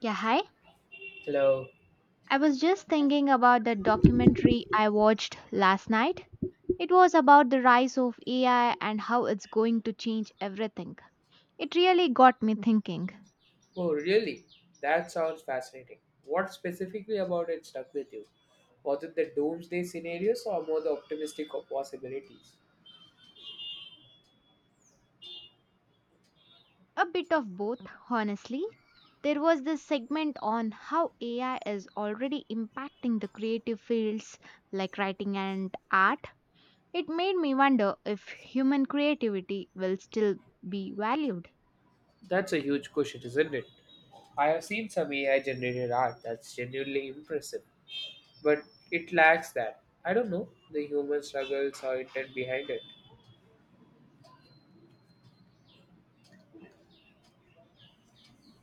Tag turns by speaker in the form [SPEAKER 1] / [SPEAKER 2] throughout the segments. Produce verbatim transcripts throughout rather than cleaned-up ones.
[SPEAKER 1] Yeah, hi.
[SPEAKER 2] Hello.
[SPEAKER 1] I was just thinking about the documentary I watched last night. It was about the rise of A I and how it's going to change everything. It really got me thinking.
[SPEAKER 2] Oh, really? That sounds fascinating. What specifically about it stuck with you? Was it the doomsday scenarios or more the optimistic of possibilities?
[SPEAKER 1] A bit of both, honestly. There was this segment on how A I is already impacting the creative fields like writing and art. It made me wonder if human creativity will still be valued.
[SPEAKER 2] That's a huge question, isn't it? I have seen some A I generated art that's genuinely impressive, but it lacks that. I don't know the human struggles or intent behind it.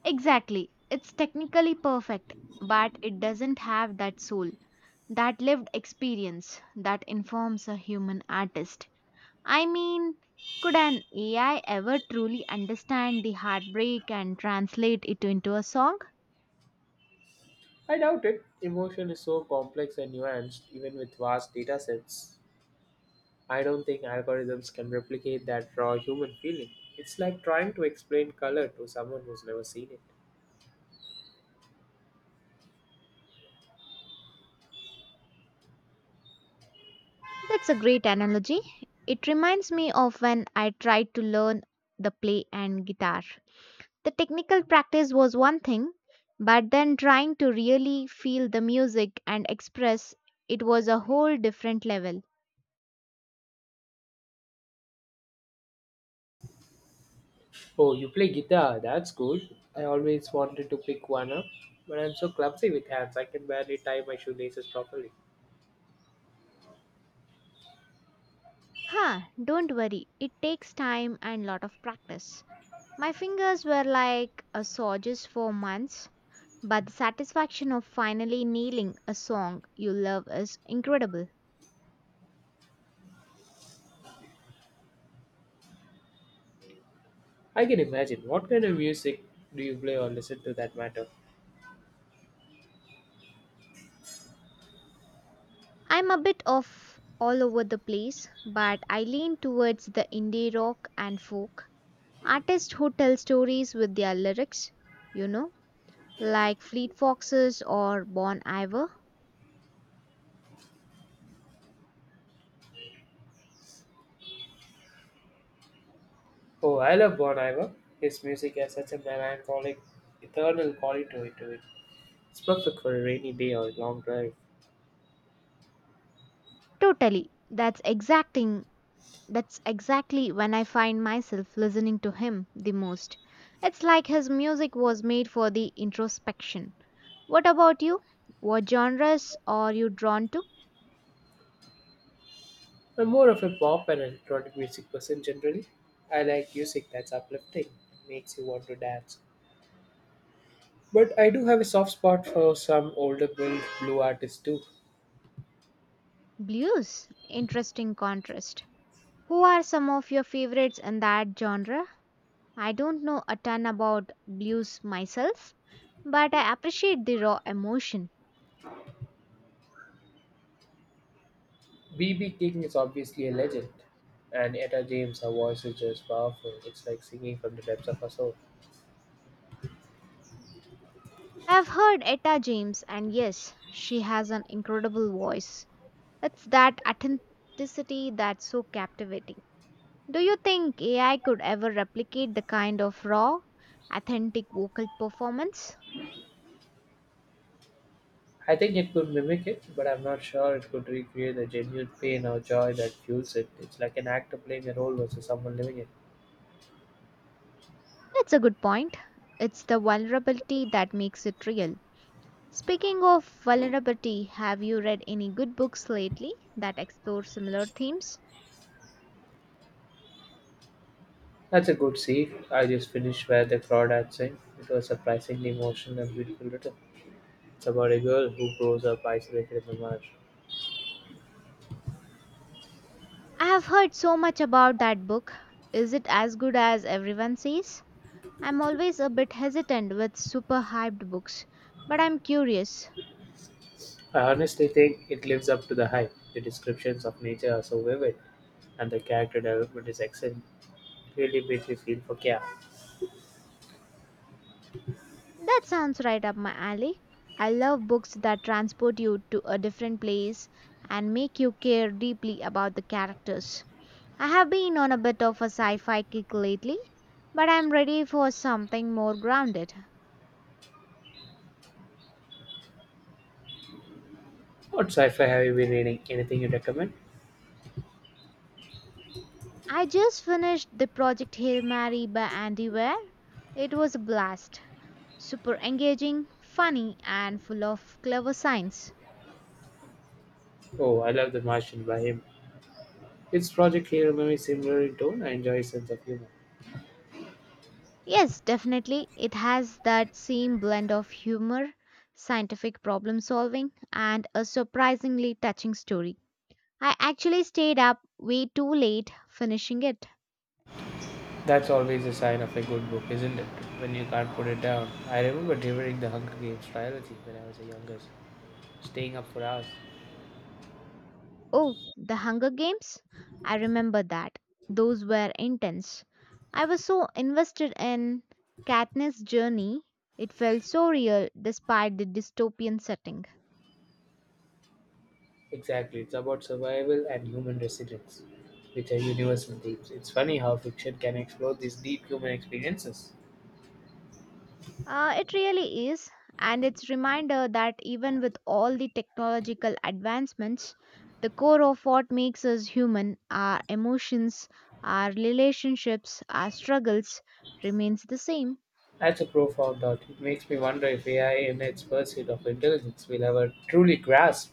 [SPEAKER 1] Exactly. It's technically perfect, but it doesn't have that soul, that lived experience that informs a human artist. I mean, could an A I ever truly understand the heartbreak and translate it into a song?
[SPEAKER 2] I doubt it. Emotion is so complex and nuanced, even with vast data sets. I don't think algorithms can replicate that raw human feeling. It's like trying to explain color to someone who's never seen it.
[SPEAKER 1] That's a great analogy. It reminds me of when I tried to learn the play and guitar. The technical practice was one thing, but then trying to really feel the music and express it was a whole different level.
[SPEAKER 2] Oh, you play guitar, that's cool. I always wanted to pick one up, but I'm so clumsy with hands I can barely tie my shoelaces properly.
[SPEAKER 1] Huh, don't worry, it takes time and lot of practice. My fingers were like a sawdust for months, but the satisfaction of finally nailing a song you love is incredible.
[SPEAKER 2] I can imagine. What kind of music do you play or listen to that matter?
[SPEAKER 1] I'm a bit of all over the place, but I lean towards the indie rock and folk. Artists who tell stories with their lyrics, you know, like Fleet Foxes or Bon Iver.
[SPEAKER 2] Oh, I love Bon Iver. His music has such a melancholic, eternal quality to it. It's perfect for a rainy day or a long drive.
[SPEAKER 1] Totally. That's exacting. That's exactly when I find myself listening to him the most. It's like his music was made for the introspection. What about you? What genres are you drawn to?
[SPEAKER 2] I'm more of a pop and electronic music person generally. I like music that's uplifting makes you want to dance. But I do have a soft spot for some older blue, blue artists too.
[SPEAKER 1] Blues. Interesting contrast. Who are some of your favorites in that genre? I don't know a ton about blues myself, but I appreciate the raw emotion.
[SPEAKER 2] B B. King is obviously a legend, and Etta James, her voice is just powerful. It's like singing from the depths of her soul.
[SPEAKER 1] I've heard Etta James, and yes, she has an incredible voice. It's that authenticity that's so captivating. Do you think A I could ever replicate the kind of raw, authentic vocal performance?
[SPEAKER 2] I think it could mimic it, but I'm not sure it could recreate the genuine pain or joy that fuels it. It's like an actor playing a role versus someone living it.
[SPEAKER 1] That's a good point. It's the vulnerability that makes it real. Speaking of vulnerability, have you read any good books lately that explore similar themes?
[SPEAKER 2] That's a good scene. I just finished Where the crowd had Sing. It was surprisingly emotional and beautiful. Written. It's about a girl who grows up isolated in the marsh.
[SPEAKER 1] I have heard so much about that book. Is it as good as everyone says? I'm always a bit hesitant with super hyped books, but I'm curious.
[SPEAKER 2] I honestly think it lives up to the hype. The descriptions of nature are so vivid, and the character development is excellent. It really makes me feel for Kia.
[SPEAKER 1] That sounds right up my alley. I love books that transport you to a different place and make you care deeply about the characters. I have been on a bit of a sci fi kick lately, but I'm ready for something more grounded.
[SPEAKER 2] What sci-fi have you been reading? Anything you recommend?
[SPEAKER 1] I just finished the Project Hail Mary by Andy Weir. It was a blast. Super engaging, funny, and full of clever science.
[SPEAKER 2] Oh, I love The Martian by him. Its Project Hail Mary is similar in tone I enjoy his sense of humor.
[SPEAKER 1] Yes, definitely, it has that same blend of humor, scientific problem solving, and a surprisingly touching story. I actually stayed up way too late finishing it.
[SPEAKER 2] That's always a sign of a good book, isn't it? When you can't put it down. I remember devouring the Hunger Games trilogy when I was a younger, staying up for hours.
[SPEAKER 1] Oh, The Hunger Games? I remember that. Those were intense. I was so invested in Katniss' journey, it felt so real despite the dystopian setting.
[SPEAKER 2] Exactly, it's about survival and human resilience, which are universal themes. It's funny how fiction can explore these deep human experiences.
[SPEAKER 1] Uh, it really is, and it's reminder that even with all the technological advancements, the core of what makes us human, our emotions, our relationships, our struggles, remains the same.
[SPEAKER 2] That's a profound thought. It makes me wonder if A I, in its pursuit of intelligence, will ever truly grasp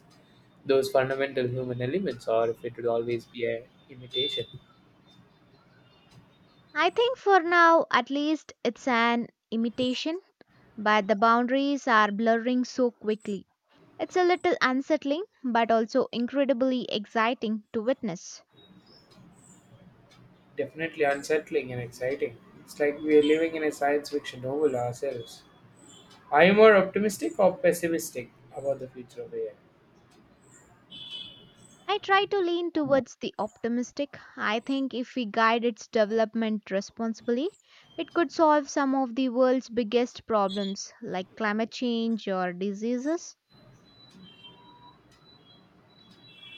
[SPEAKER 2] those fundamental human elements, or if it will always be a imitation.
[SPEAKER 1] I think for now, at least, it's an imitation, but the boundaries are blurring so quickly. It's a little unsettling, but also incredibly exciting to witness.
[SPEAKER 2] Definitely unsettling and exciting. It's like we are living in a science fiction novel ourselves. Are you more optimistic or pessimistic about the future of A I?
[SPEAKER 1] I try to lean towards the optimistic. I think if we guide its development responsibly, it could solve some of the world's biggest problems like climate change or diseases.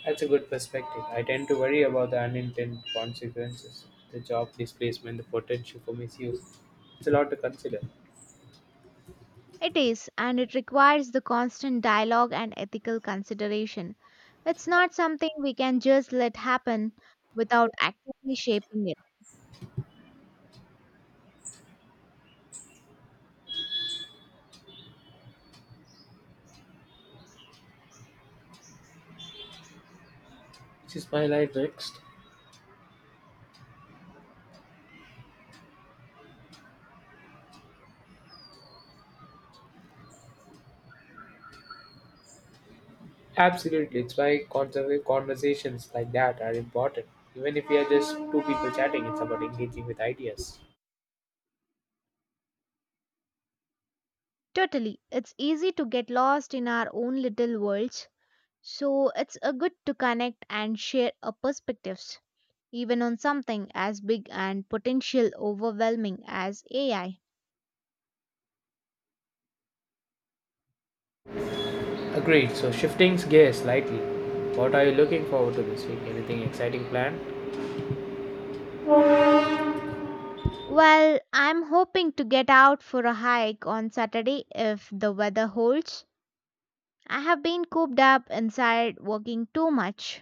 [SPEAKER 2] That's a good perspective. I tend to worry about the unintended consequences, the job displacement, the potential for misuse. It's a lot to consider.
[SPEAKER 1] It is, and it requires the constant dialogue and ethical consideration. It's not something we can just let happen without actively shaping it.
[SPEAKER 2] Which is my life next? Absolutely, it's why conserva- conversations like that are important. Even if we are just two people chatting, it's about engaging with ideas.
[SPEAKER 1] Totally, it's easy to get lost in our own little worlds, so it's a good to connect and share our perspectives, even on something as big and potential overwhelming as A I.
[SPEAKER 2] Agreed. So shifting gears slightly. What are you looking forward to this week? Anything exciting planned?
[SPEAKER 1] Well, I'm hoping to get out for a hike on Saturday if the weather holds. I have been cooped up inside working too much.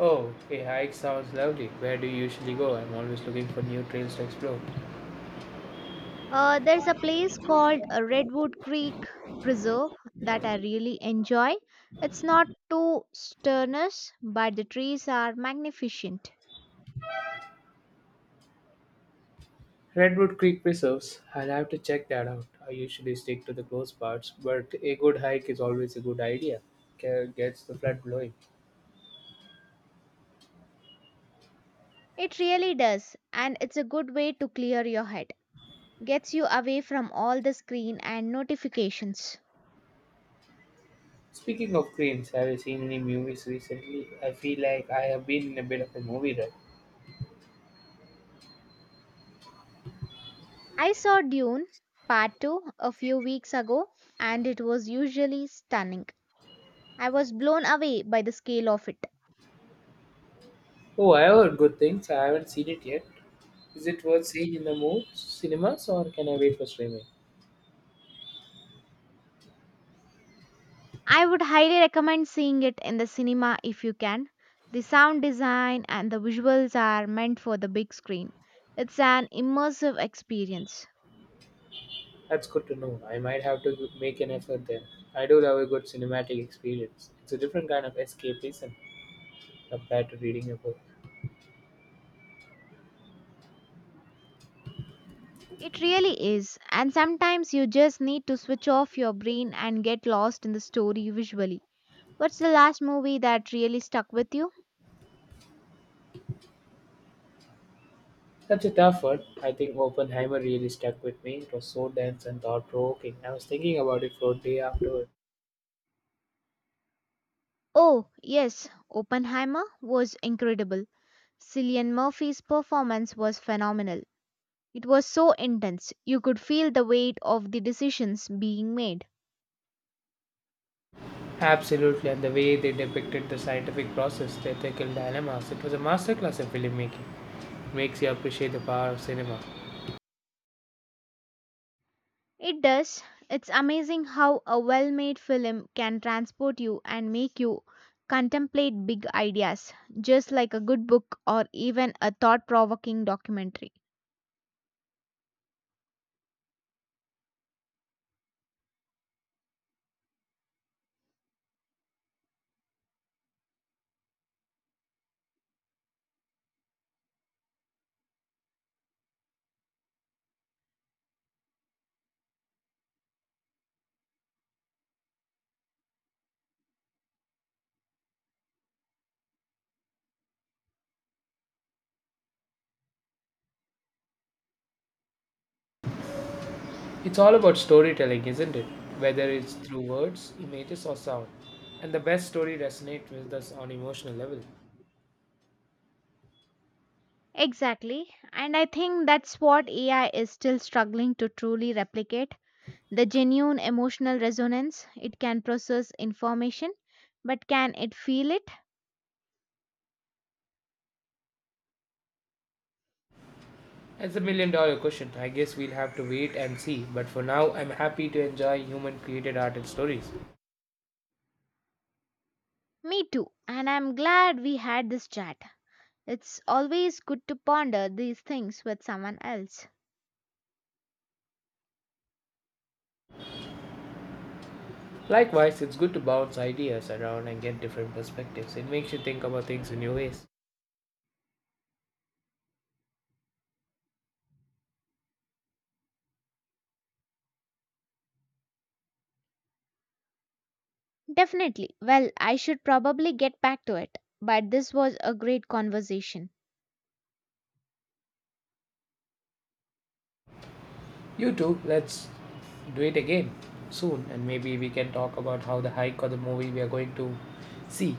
[SPEAKER 2] Oh, a hike sounds lovely. Where do you usually go? I'm always looking for new trails to explore.
[SPEAKER 1] Uh, there's a place called uh, Redwood Creek Preserve that I really enjoy. It's not too strenuous, but the trees are magnificent.
[SPEAKER 2] Redwood Creek Preserves. I'll have to check that out. I usually stick to the close parts, but a good hike is always a good idea. Ca- Gets the blood flowing.
[SPEAKER 1] It really does, and it's a good way to clear your head, gets you away from all the screen and notifications.
[SPEAKER 2] Speaking of creams, have you seen any movies recently? I feel like I have been in a bit of a movie rut.
[SPEAKER 1] I saw Dune Part two a few weeks ago and it was usually stunning. I was blown away by the scale of it.
[SPEAKER 2] Oh, I heard good things. I haven't seen it yet, is it worth seeing in the move cinemas or can I wait for streaming?
[SPEAKER 1] I would highly recommend seeing it in the cinema if you can. The sound design and the visuals are meant for the big screen. It's an immersive experience.
[SPEAKER 2] That's good to know. I might have to make an effort there. I do love a good cinematic experience. It's a different kind of escapism compared to reading a book.
[SPEAKER 1] It really is, and sometimes you just need to switch off your brain and get lost in the story visually. What's the last movie that really stuck with you?
[SPEAKER 2] Such a tough one. I think Oppenheimer really stuck with me. It was so dense and thought provoking. I was thinking about it for a day afterward.
[SPEAKER 1] Oh, yes, Oppenheimer was incredible. Cillian Murphy's performance was phenomenal. It was so intense. You could feel the weight of the decisions being made.
[SPEAKER 2] Absolutely, and the way they depicted the scientific process, the ethical dilemmas, it was a masterclass in filmmaking. It makes you appreciate the power of cinema.
[SPEAKER 1] It does. It's amazing how a well made film can transport you and make you contemplate big ideas, just like a good book or even a thought provoking documentary.
[SPEAKER 2] It's all about storytelling, isn't it? Whether it's through words, images, or sound. And the best story resonates with us on emotional level.
[SPEAKER 1] Exactly. And I think that's what A I is still struggling to truly replicate the genuine emotional resonance. It can process information, but can it feel it?
[SPEAKER 2] That's a million dollar question. I guess we'll have to wait and see. But for now, I'm happy to enjoy human created art and stories.
[SPEAKER 1] Me too. And I'm glad we had this chat. It's always good to ponder these things with someone else.
[SPEAKER 2] Likewise, it's good to bounce ideas around and get different perspectives. It makes you think about things in new ways.
[SPEAKER 1] Definitely. Well, I should probably get back to it, but this was a great conversation.
[SPEAKER 2] You too, let's do it again soon and maybe we can talk about how the hike or the movie we are going to see.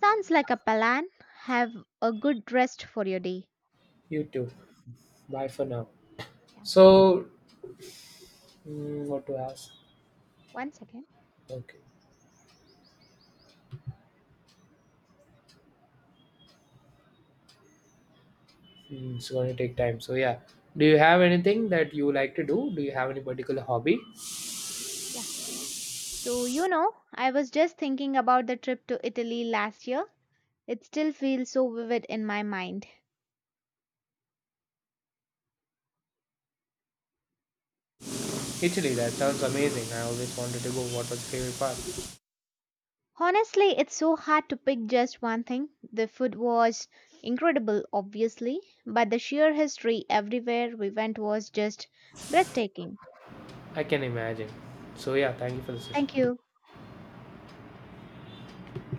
[SPEAKER 1] Sounds like a plan. Have a good rest for your day.
[SPEAKER 2] You too. Bye for now.
[SPEAKER 1] Yeah.
[SPEAKER 2] So Mm, what to ask?
[SPEAKER 1] One second.
[SPEAKER 2] Okay, mm, it's going to take time. So yeah, do you have anything that you like to do? Do you have any particular hobby?
[SPEAKER 1] So, you know, I was just thinking about the trip to Italy last year. It still feels so vivid in my mind.
[SPEAKER 2] Italy, that sounds amazing. I always wanted to go. What was your favorite part?
[SPEAKER 1] Honestly, it's so hard to pick just one thing. The food was incredible, obviously, but the sheer history everywhere we went was just breathtaking.
[SPEAKER 2] I can imagine. So yeah, thank you for the
[SPEAKER 1] Thank
[SPEAKER 2] session.
[SPEAKER 1] you.